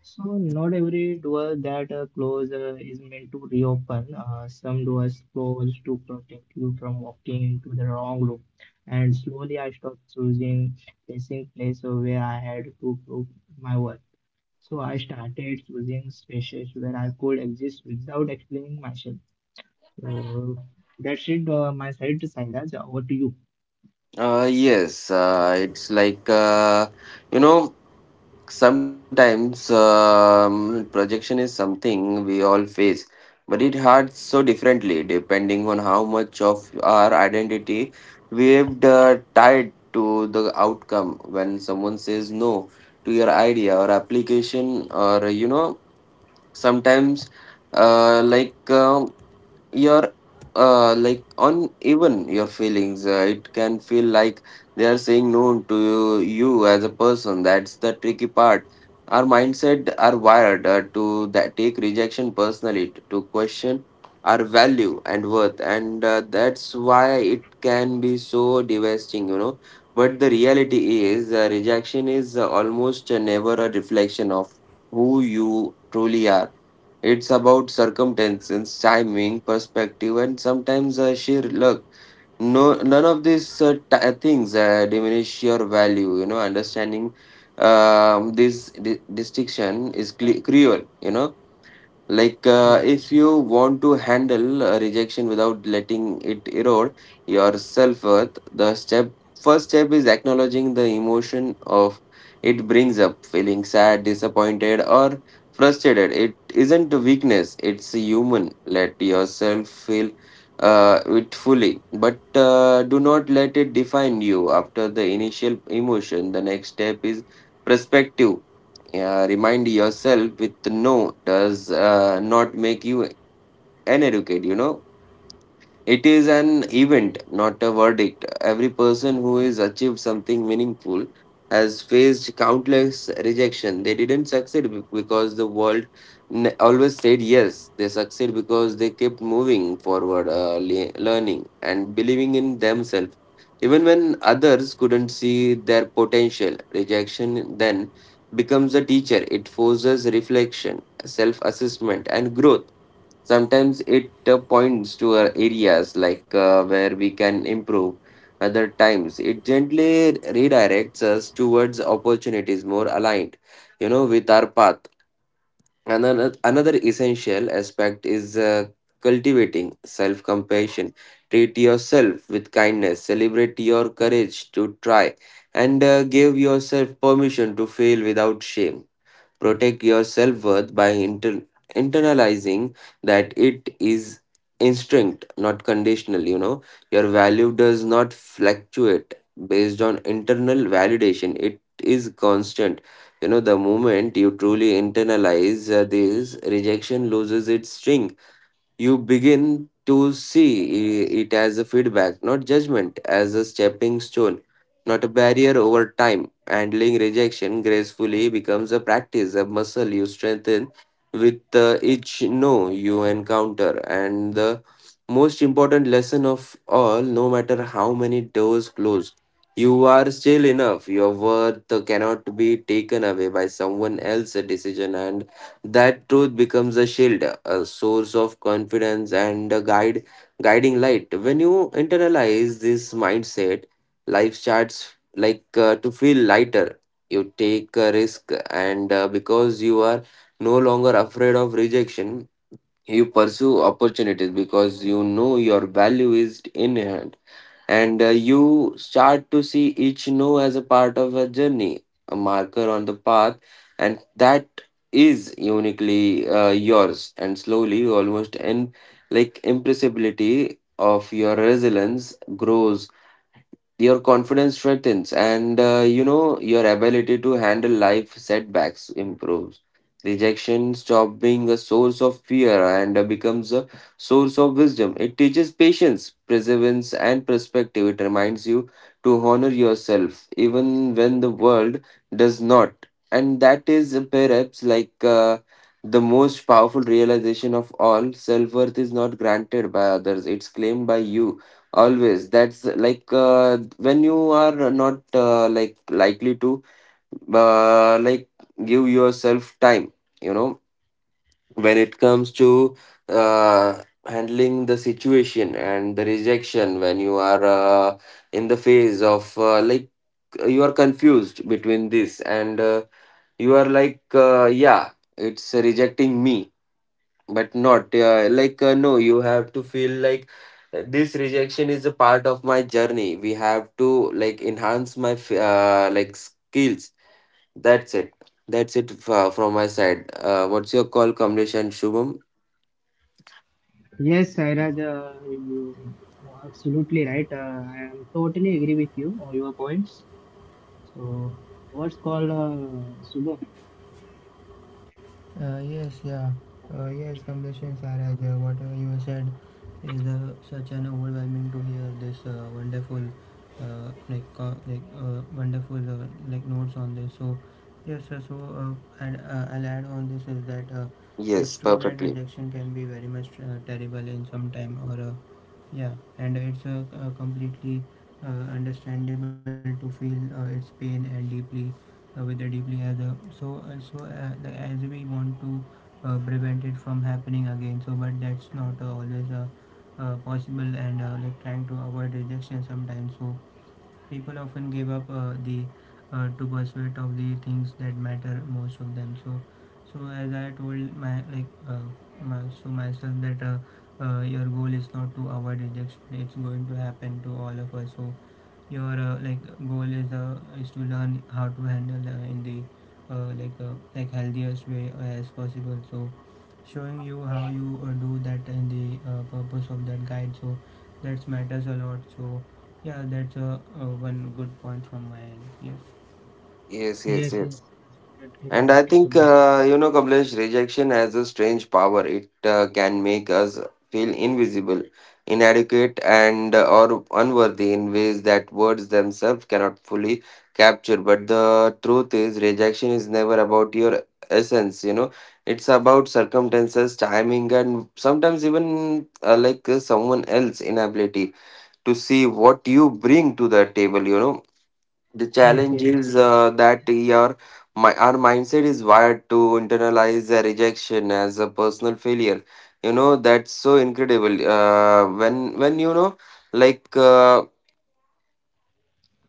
A: So not every door that close is meant to reopen. Some doors close to protect you from walking into the wrong room. And slowly I stopped choosing facing place where I had to prove my worth. So I started choosing spaces where I could exist without explaining myself. So that's it. My side to Sairaj. Over to you.
B: Yes, it's like you know, sometimes projection is something we all face, but it hurts so differently depending on how much of our identity we've tied to the outcome. When someone says no to your idea or application, or you know, sometimes like your like on even your feelings, it can feel like they are saying no to you as a person. That's the tricky part. Our mindset are wired to that take rejection personally to question our value and worth, and that's why it can be so devastating. You know, but the reality is rejection is almost never a reflection of who you truly are. It's about circumstances, timing, perspective, and sometimes sheer luck. No, none of these things diminish your value. You know, understanding this distinction is cruel. You know, like, if you want to handle rejection without letting it erode your self-worth, the step first step is acknowledging the emotion of it brings up. Feeling sad, disappointed, or frustrated, it isn't a weakness, it's human. Let yourself feel it fully, but do not let it define you. After the initial emotion, the next step is perspective. Yeah, Remind yourself with no does not make you uneducated, you know. It is an event, not a verdict. Every person who has achieved something meaningful has faced countless rejection. They didn't because the world always said yes. They succeed because they kept moving forward, learning and believing in themselves. Even when others couldn't see their potential, rejection then becomes a teacher. It forces reflection, self assessment, and growth. Sometimes it points to areas where we can improve. Other times, it gently redirects us towards opportunities more aligned, you know, with our path. Another essential aspect is cultivating self-compassion. Treat yourself with kindness. Celebrate your courage to try, and give yourself permission to fail without shame. Protect your self worth by internalizing that it is instinct, not conditional. You know, your value does not fluctuate based on internal validation, it is constant. You know, the moment you truly internalize this, rejection loses its sting. You begin to see it as a feedback, not judgment, as a stepping stone, not a barrier over time. Handling rejection gracefully becomes a practice, a muscle you strengthen with each no you encounter. And the most important lesson of all, no matter how many doors close, you are still enough. Your worth cannot be taken away by someone else's decision. And that truth becomes a shield, a source of confidence, and a guiding light. When you internalize this mindset, life starts to feel lighter. You take a risk, and because you are no longer afraid of rejection, you pursue opportunities because you know your value is in hand, and you start to see each no as a part of a journey, a marker on the path, and that is uniquely yours. And slowly, almost in like impressibility of your resilience grows, your confidence strengthens, and you know, your ability to handle life setbacks improves. Rejection stop being a source of fear and becomes a source of wisdom. It teaches patience, perseverance, and perspective. It reminds you to honor yourself even when the world does not. And that is perhaps the most powerful realization of all: self-worth is not granted by others, it's claimed by you. Always. That's when you are not likely to uh, like give yourself time, you know, when it comes to handling the situation and the rejection, when you are in the phase of you are confused between this, and you are like, yeah, it's rejecting me but not no, you have to feel like this rejection is a part of my journey. We have to like enhance my skills. That's it. That's it. From my side, what's your call, Kamlesh and Shubham?
A: Yes, Sairaj, you are absolutely right. I am totally agree with you on your points. So what's called Subham?
C: Yes, yeah. Yes, completely, Saraj. Whatever you said is such an overwhelming to hear this wonderful, wonderful notes on this. So yes, so and I'll add on this is that it's
B: Yes,
C: true that
B: perfectly.
C: rejection can be very much terrible in some time, or yeah, and it's completely understandable to feel its pain and deeply with the deeply as a, so like as we want to prevent it from happening again, so but that's not always a possible, and like trying to avoid rejection sometimes, so people often give up the to pursuit of the things that matter most of them. So so as I told my, like my, so myself that your goal is not to avoid rejection, it's going to happen to all of us. So your goal is, is to learn how to handle in the like healthiest way as possible. So showing you how you do that in the purpose of that guide, so that matters a lot. So yeah, that's one good point from my end. Yes,
B: Yes, yes,
A: Yes,
B: yes.
A: yes, absolutely
B: And
A: right,
B: I think,
A: Subham.
B: you know, Kamlesh, rejection has a strange power. It can make us feel invisible, inadequate, and or unworthy in ways that words themselves cannot fully capture. But the truth is, rejection is never about your essence. You know, it's about circumstances, timing, and sometimes even someone else's inability to see what you bring to the table. You know, the
A: Yes,
B: challenge
A: yes,
B: is that your my our mindset is wired to internalize the rejection as a personal failure. You know, that's so incredible, when you know, like uh,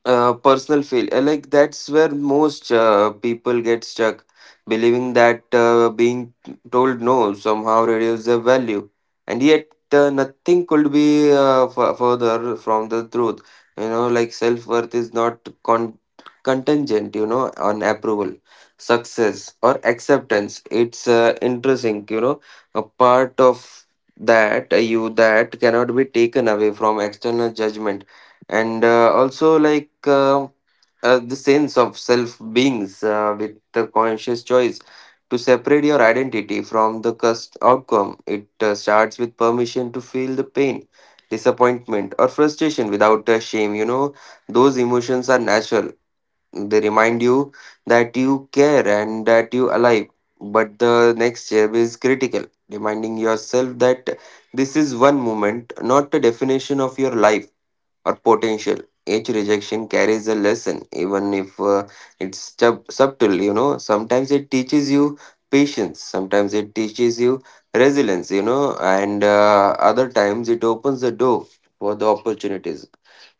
B: personal feel, that's where most people get stuck, believing that being told no somehow reduces their value. And yet, nothing could be further from the truth. You know, like self-worth is not contingent, you know, on approval, success or acceptance. It's interesting, you know, a part of that you that cannot be taken away from external judgment. And also like the sense of self beings with the conscious choice to separate your identity from the outcome. It starts with permission to feel the pain, disappointment or frustration without a shame. You know, those emotions are natural. They remind you that you care and that you alive. But the next step is critical: reminding yourself that this is one moment, not a definition of your life or potential. Each rejection carries a lesson, even if it's subtle, you know. Sometimes it teaches you patience, sometimes it teaches you resilience, you know, and other times it opens the door for the opportunities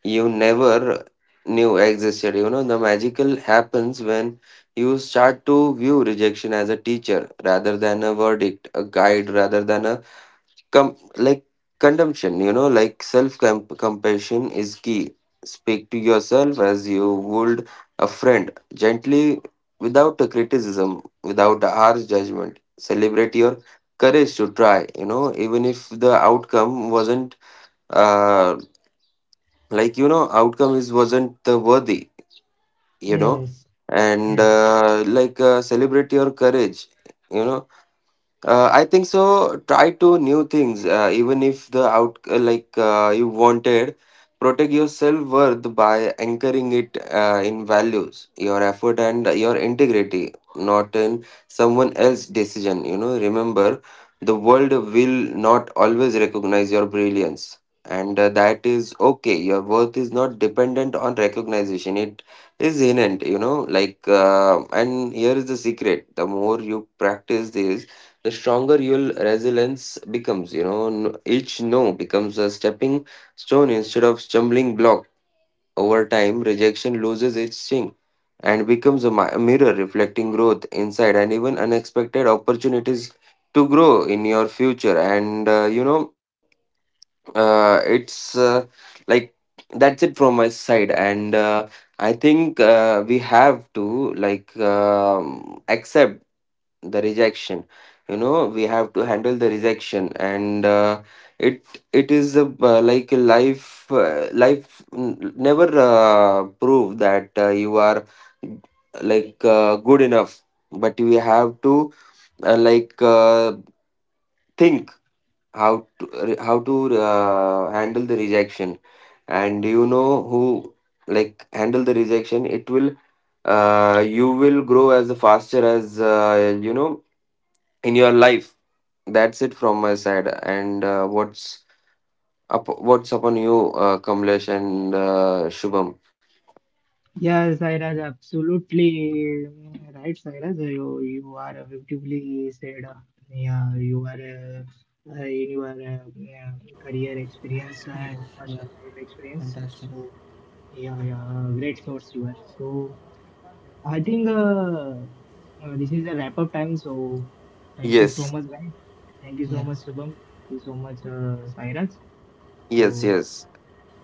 B: you never knew existed. You know, the magical happens when you start to view rejection as a teacher rather than a verdict, a guide rather than a com- like consumption. You know, like self compassion is key. Speak to yourself as you would a friend, gently, without a criticism, without a harsh judgment. Celebrate your courage to try, you know, even if the outcome wasn't uh you know, outcome is wasn't the worthy, you know.
A: yes,
B: And
A: yes,
B: celebrate your courage, you know. I think so. Try to new things, even if the out like you wanted. Protect your self worth by anchoring it in values, your effort, and your integrity, not in someone else's decision. You know, remember, the world will not always recognize your brilliance, and that is okay. Your worth is not dependent on recognition. It is innate. You know, and here is the secret: the more you practice this, the stronger your resilience becomes. You know, each no becomes a stepping stone instead of stumbling block. Over time, rejection loses its sting and becomes a mirror reflecting growth inside and even unexpected opportunities to grow in your future. And you know, it's like that's it from my side. And I think we have to like accept the rejection. You know, we have to handle the rejection, and it it is a, a life never prove that you are good enough. But we have to uh, like uh, think how to handle the rejection. And you know who like handle the rejection, it will you will grow as faster as you know in your life. That's it from my side. And what's up? What's upon you, Kamlesh and Shubham?
A: yeah, Sairaj, absolutely right, Sairaj. You are beautifully said. Yeah, you are in your yeah, career experience
C: yes,
A: and
C: yeah,
A: personal life experience.
C: fantastic,
A: So yeah, yeah, great source you are. So I think this is a wrap up time. So thank you so
B: Yes,
A: much, guys. Thank you so
C: yeah,
A: much, Shubham. Thank you so much, Sairaj.
B: yes,
A: So
B: yes.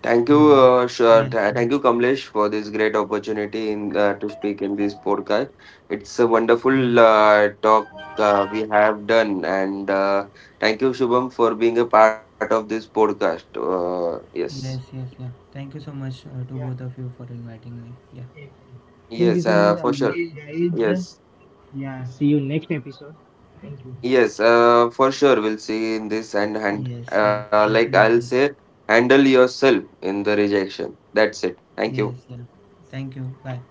B: Thank you,
A: yeah,
C: yes,
B: thank you,
C: yes,
B: Kamlesh, for this great opportunity in to speak in this podcast. It's a wonderful
C: yes,
B: talk we have done, and thank you, Shubham, for being a part of this podcast. Yes,
C: yes, yes, yeah, thank you so much to
A: yeah.
C: both of you for inviting me, yeah,
A: Yeah.
B: yes,
A: Thank you so much,
B: for sure.
A: guys.
B: Yes.
A: Yeah, see you next episode. Thank you.
B: Yes, for sure. We'll see in this and hand.
C: yes, yeah,
B: Like I'll
C: absolutely,
B: say, handle yourself in the rejection. That's it. Thank you.
C: yes, yeah, thank you, bye.